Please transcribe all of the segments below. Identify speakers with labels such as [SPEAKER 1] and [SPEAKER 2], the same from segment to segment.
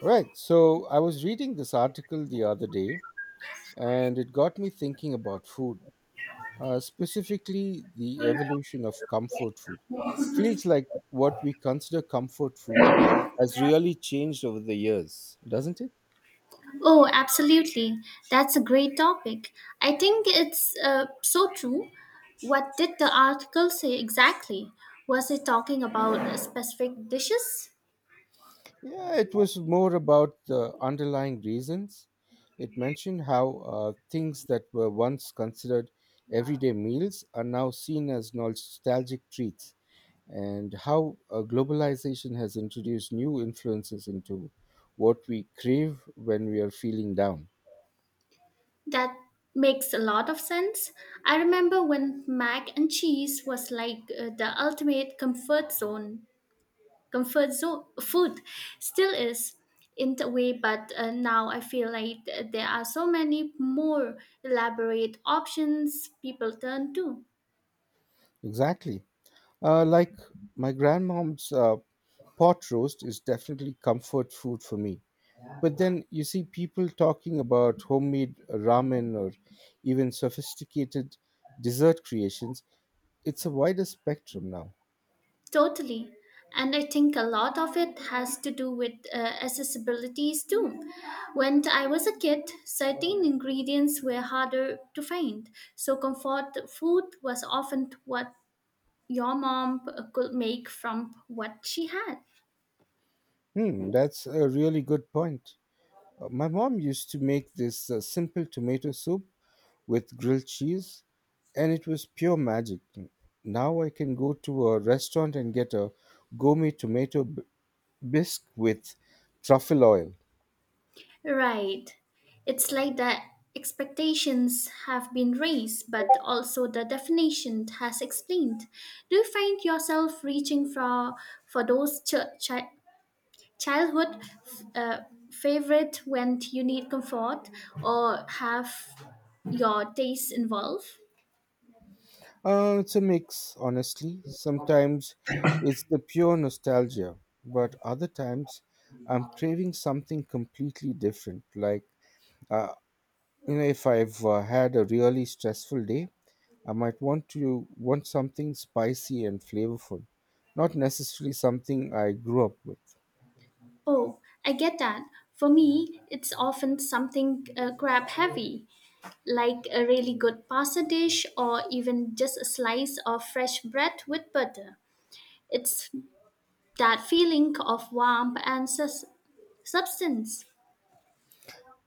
[SPEAKER 1] Right. So I was reading this article the other day and it got me thinking about food, specifically the evolution of comfort food. Feels like what we consider comfort food has really changed over the years, doesn't it?
[SPEAKER 2] Oh, absolutely. That's a great topic. I think it's so true. What did the article say exactly? Was it talking about specific dishes?
[SPEAKER 1] Yeah, it was more about the underlying reasons. It mentioned how things that were once considered everyday meals are now seen as nostalgic treats and how globalization has introduced new influences into what we crave when we are feeling down.
[SPEAKER 2] That makes a lot of sense. I remember when mac and cheese was like the ultimate comfort zone food still is in a way, but now I feel like there are so many more elaborate options people turn to.
[SPEAKER 1] Exactly. Like my grandmom's pot roast is definitely comfort food for me. But then you see people talking about homemade ramen or even sophisticated dessert creations. It's a wider spectrum now.
[SPEAKER 2] Totally. And I think a lot of it has to do with accessibilities too. When I was a kid, certain ingredients were harder to find. So, comfort food was often what your mom could make from what she had.
[SPEAKER 1] That's a really good point. My mom used to make this simple tomato soup with grilled cheese, and it was pure magic. Now I can go to a restaurant and get a gourmet bisque with truffle oil.
[SPEAKER 2] Right. It's like the expectations have been raised, but also the definition has explained. Do you find yourself reaching for those childhood uh, favorite when you need comfort or have your tastes involved?
[SPEAKER 1] It's a mix, honestly. Sometimes it's the pure nostalgia, but other times I'm craving something completely different. Uh, you know, if I've had a really stressful day, I might want something spicy and flavorful, not necessarily something I grew up with.
[SPEAKER 2] Oh, I get that. For me, it's often something crab heavy, like a really good pasta dish or even just a slice of fresh bread with butter. It's that feeling of warmth and substance.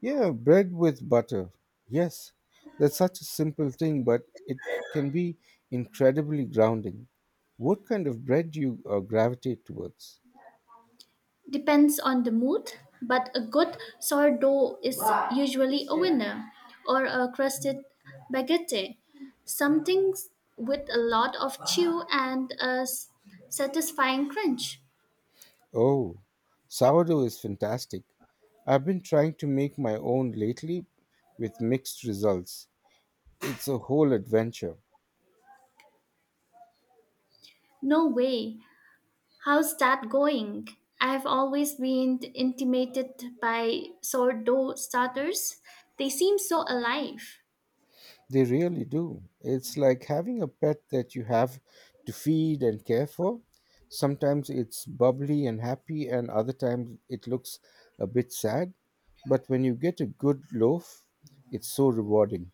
[SPEAKER 1] Yeah, bread with butter, yes, that's such a simple thing, but it can be incredibly grounding. What kind of bread do you gravitate towards?
[SPEAKER 2] Depends on the mood, but a good sourdough is usually a winner, or a crusted baguette, something with a lot of chew and a satisfying crunch.
[SPEAKER 1] Oh, sourdough is fantastic. I've been trying to make my own lately with mixed results. It's a whole adventure.
[SPEAKER 2] No way, how's that going? I've always been intimidated by sourdough starters. They seem so alive.
[SPEAKER 1] They really do. It's like having a pet that you have to feed and care for. Sometimes it's bubbly and happy, and other times it looks a bit sad. But when you get a good loaf, it's so rewarding.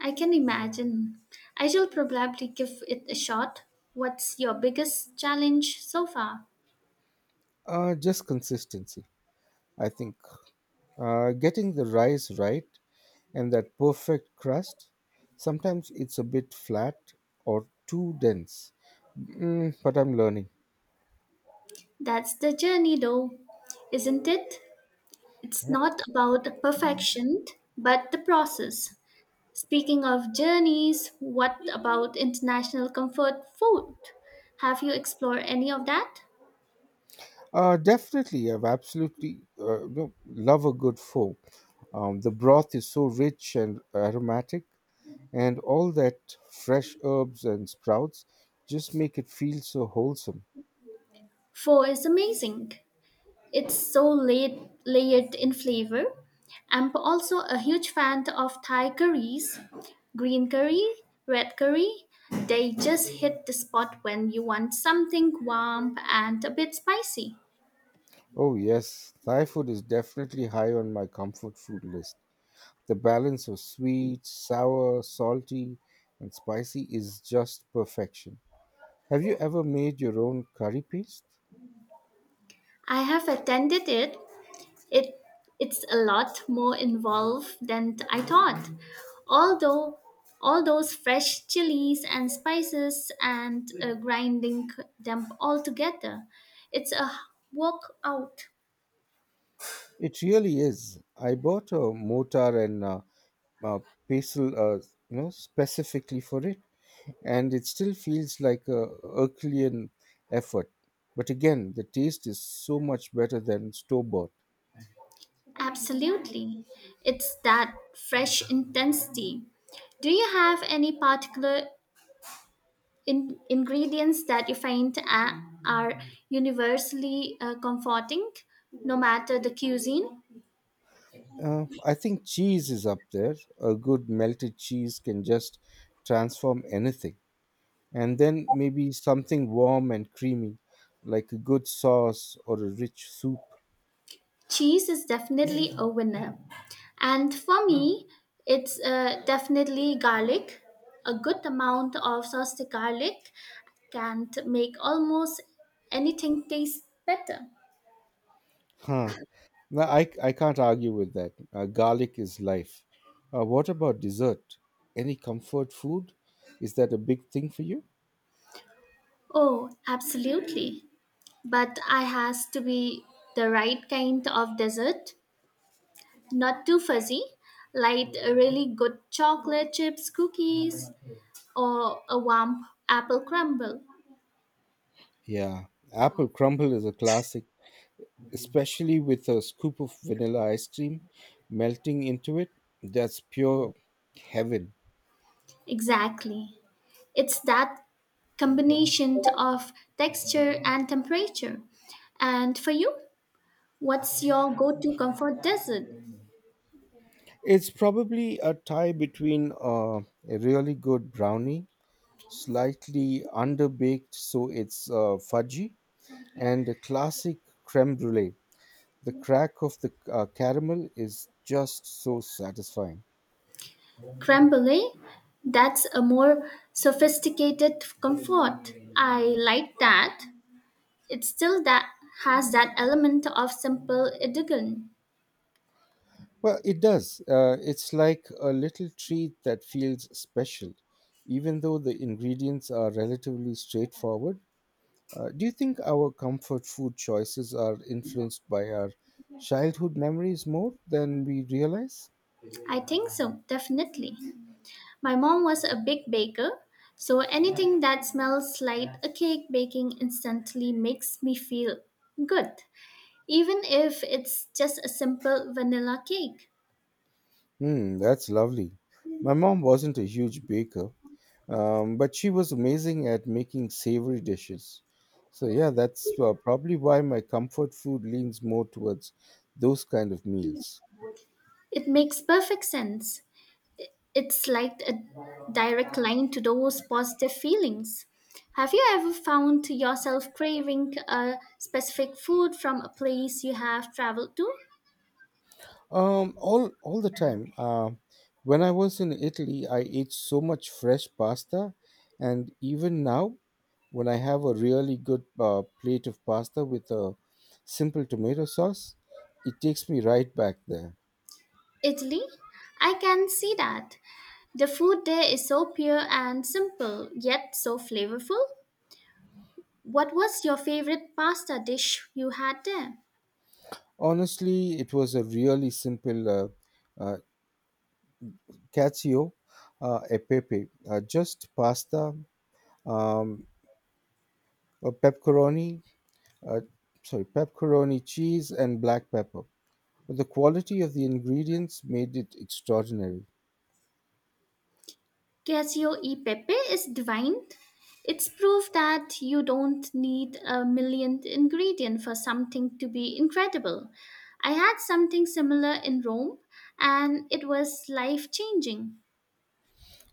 [SPEAKER 2] I can imagine. I shall probably give it a shot. What's your biggest challenge so far?
[SPEAKER 1] Just consistency, I think. Getting the rice right and that perfect crust. Sometimes it's a bit flat or too dense. But I'm learning.
[SPEAKER 2] That's the journey, though, isn't it? It's
[SPEAKER 1] Yeah.
[SPEAKER 2] not about perfection, but the process. Speaking of journeys, what about international comfort food? Have you explored any of that?
[SPEAKER 1] Definitely, I've absolutely no, love a good pho. The broth is so rich and aromatic, and all that fresh herbs and sprouts just make it feel so wholesome.
[SPEAKER 2] Pho is amazing. It's so layered in flavor. I'm also a huge fan of Thai curries. Green curry, red curry, they just hit the spot when you want something warm and a bit spicy.
[SPEAKER 1] Oh, yes, Thai food is definitely high on my comfort food list. The balance of sweet, sour, salty, and spicy is just perfection. Have you ever made your own curry paste?
[SPEAKER 2] I have attended it. It it's a lot more involved than I thought. Although all those fresh chilies and spices and grinding them all together, it's a workout.
[SPEAKER 1] It really is. I bought a mortar and uh, basil, you know, specifically for it, and it still feels like a Herculean effort. But again, the taste is so much better than store bought.
[SPEAKER 2] Absolutely, it's that fresh intensity. Do you have any particular ingredients that you find are universally comforting, no matter the cuisine?
[SPEAKER 1] I think cheese is up there. A good melted cheese can just transform anything. And then maybe something warm and creamy, like a good sauce or a rich soup.
[SPEAKER 2] Cheese is definitely a winner. And for me, it's definitely garlic. A good amount of sauced garlic can make almost anything taste better.
[SPEAKER 1] Huh. No, I can't argue with that. Garlic is life. What about dessert? Any comfort food? Is that a big thing for you?
[SPEAKER 2] Oh, absolutely. But I has to be the right kind of dessert, not too fuzzy, like a really good chocolate chips, cookies, or a warm apple crumble.
[SPEAKER 1] Yeah. Apple crumble is a classic, especially with a scoop of vanilla ice cream melting into it. That's pure heaven.
[SPEAKER 2] Exactly. It's that combination of texture and temperature. And for you, what's your go to comfort dessert?
[SPEAKER 1] It's probably a tie between a really good brownie, slightly underbaked so it's fudgy, and a classic creme brulee. The crack of the caramel is just so satisfying.
[SPEAKER 2] Creme brulee? That's a more sophisticated comfort. I like that. It still that has that element of simple elegance.
[SPEAKER 1] Well, it does. It's like a little treat that feels special, even though the ingredients are relatively straightforward. Do you think our comfort food choices are influenced by our childhood memories more than we realize?
[SPEAKER 2] I think so, definitely. My mom was a big baker, so anything that smells like a cake baking instantly makes me feel good. Even if it's just a simple vanilla cake,
[SPEAKER 1] That's lovely. My mom wasn't a huge baker. But she was amazing at making savory dishes. So yeah, that's probably why my comfort food leans more towards those kind of meals.
[SPEAKER 2] it makes perfect sense. It's like a direct line to those positive feelings. Have you ever found yourself craving a specific food from a place you have traveled to?
[SPEAKER 1] All the time. When I was in Italy, I ate so much fresh pasta, and even now, when I have a really good plate of pasta with a simple tomato sauce, it takes me right back there.
[SPEAKER 2] Italy? I can see that. The food there is so pure and simple, yet so flavorful. What was your favorite pasta dish you had there?
[SPEAKER 1] Honestly, it was a really simple uh, cacio e pepe, just pasta, um, pepperoni, uh, sorry, pepperoni cheese, and black pepper. But the quality of the ingredients made it extraordinary.
[SPEAKER 2] Casio e Pepe is divine. It's proof that you don't need a millionth ingredient for something to be incredible. I had something similar in Rome and it was life changing.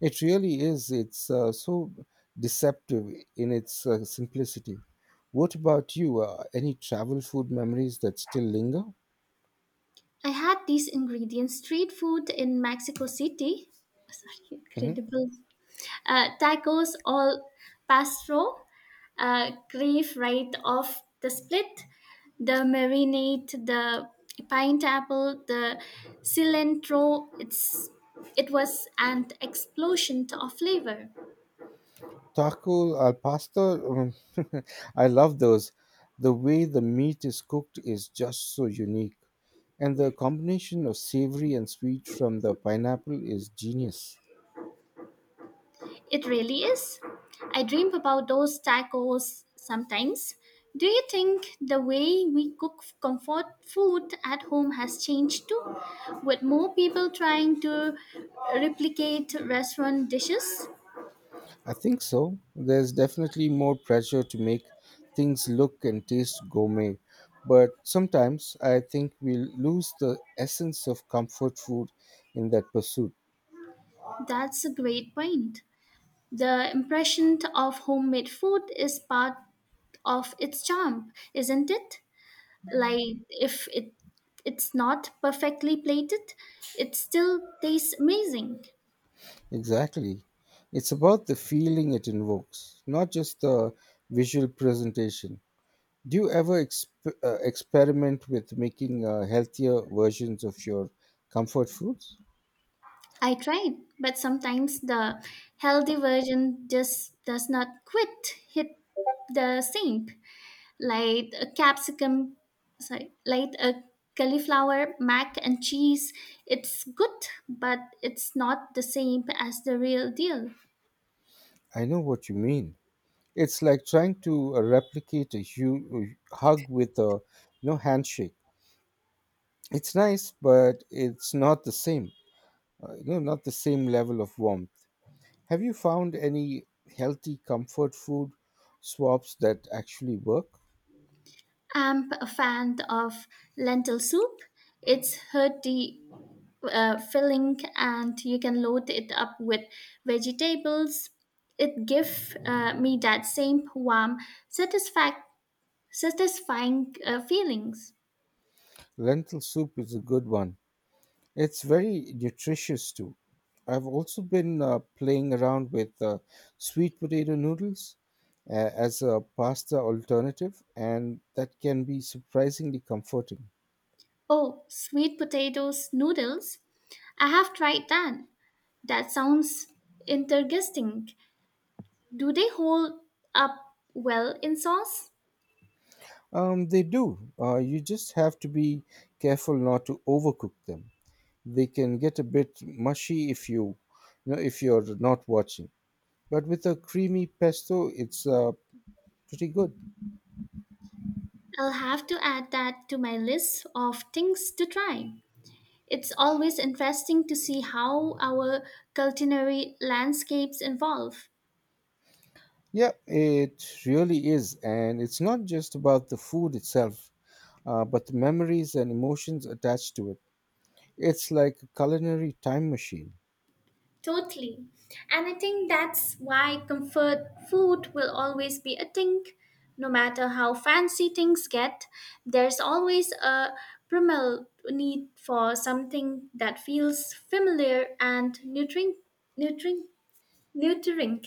[SPEAKER 1] It really is. It's so deceptive in its simplicity. What about you? Any travel food memories that still linger?
[SPEAKER 2] I had these ingredients street food in Mexico City. Sorry,
[SPEAKER 1] Mm-hmm.
[SPEAKER 2] incredible. Tacos all pastro crave right off the split, the marinade, the pineapple, the cilantro. It was an explosion of flavor.
[SPEAKER 1] Taco al pastor, I love those. The way the meat is cooked is just so unique, and the combination of savory and sweet from the pineapple is genius.
[SPEAKER 2] It really is. I dream about those tacos sometimes. Do you think the way we cook comfort food at home has changed too, with more people trying to replicate restaurant dishes?
[SPEAKER 1] I think so. There's definitely more pressure to make things look and taste gourmet, but sometimes I think we lose the essence of comfort food in that pursuit.
[SPEAKER 2] That's a great point. The impression of homemade food is part of its charm, isn't it? Like if it's not perfectly plated, it still tastes amazing.
[SPEAKER 1] Exactly. It's about the feeling it invokes, not just the visual presentation. Do you ever exp- experiment with making healthier versions of your comfort foods?
[SPEAKER 2] I tried, but sometimes the healthy version just does not quit hit the sink. Like a capsicum sorry, like a cauliflower mac and cheese, it's good, but it's not the same as the real deal.
[SPEAKER 1] I know what you mean. It's like trying to replicate a hug with a, you know, handshake. It's nice, but it's not the same. You know, not the same level of warmth. Have you found any healthy comfort food swaps that actually work?
[SPEAKER 2] I'm a fan of lentil soup. It's hearty, filling, and you can load it up with vegetables. It gives me that same warm, satisfac- satisfying feelings.
[SPEAKER 1] Lentil soup is a good one. It's very nutritious too. I've also been playing around with sweet potato noodles as a pasta alternative, and that can be surprisingly comforting.
[SPEAKER 2] Oh, sweet potatoes noodles. I have tried that. That sounds interesting. Do they hold up well in sauce?
[SPEAKER 1] They do. You just have to be careful not to overcook them. They can get a bit mushy if you know, if you're not watching. But with a creamy pesto, it's pretty good.
[SPEAKER 2] I'll have to add that to my list of things to try. It's always interesting to see how our culinary landscapes evolve.
[SPEAKER 1] Yeah, it really is, and it's not just about the food itself, but the memories and emotions attached to it. It's like a culinary time machine.
[SPEAKER 2] Totally. And I think that's why comfort food will always be a thing. No matter how fancy things get, there's always a primal need for something that feels familiar and nurturing. Nurturing. Nurturing.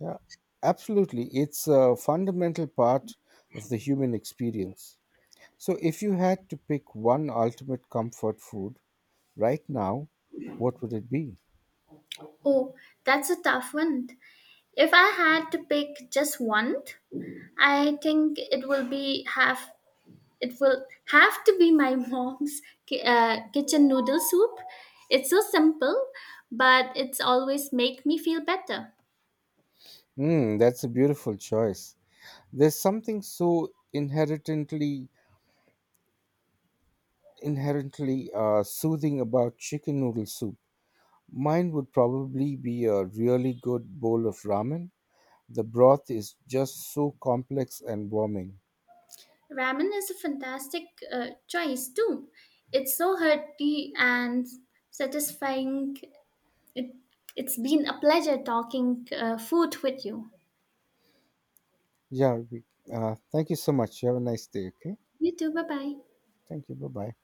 [SPEAKER 1] Yeah, absolutely. It's a fundamental part of the human experience. So, if you had to pick one ultimate comfort food right now, what would it be?
[SPEAKER 2] Oh, that's a tough one. If I had to pick just one, I think it will have to be my mom's kitchen noodle soup. It's so simple, but it's always make me feel better.
[SPEAKER 1] Mm, that's a beautiful choice. There's something so inherently soothing about chicken noodle soup. Mine would probably be a really good bowl of ramen. The broth is just so complex and warming.
[SPEAKER 2] Ramen is a fantastic choice too. It's so hearty and satisfying. It, it's been a pleasure talking food with you.
[SPEAKER 1] Yeah, we, Thank you so much. You have a nice day. Okay,
[SPEAKER 2] You too. Bye bye.
[SPEAKER 1] thank you. Bye bye.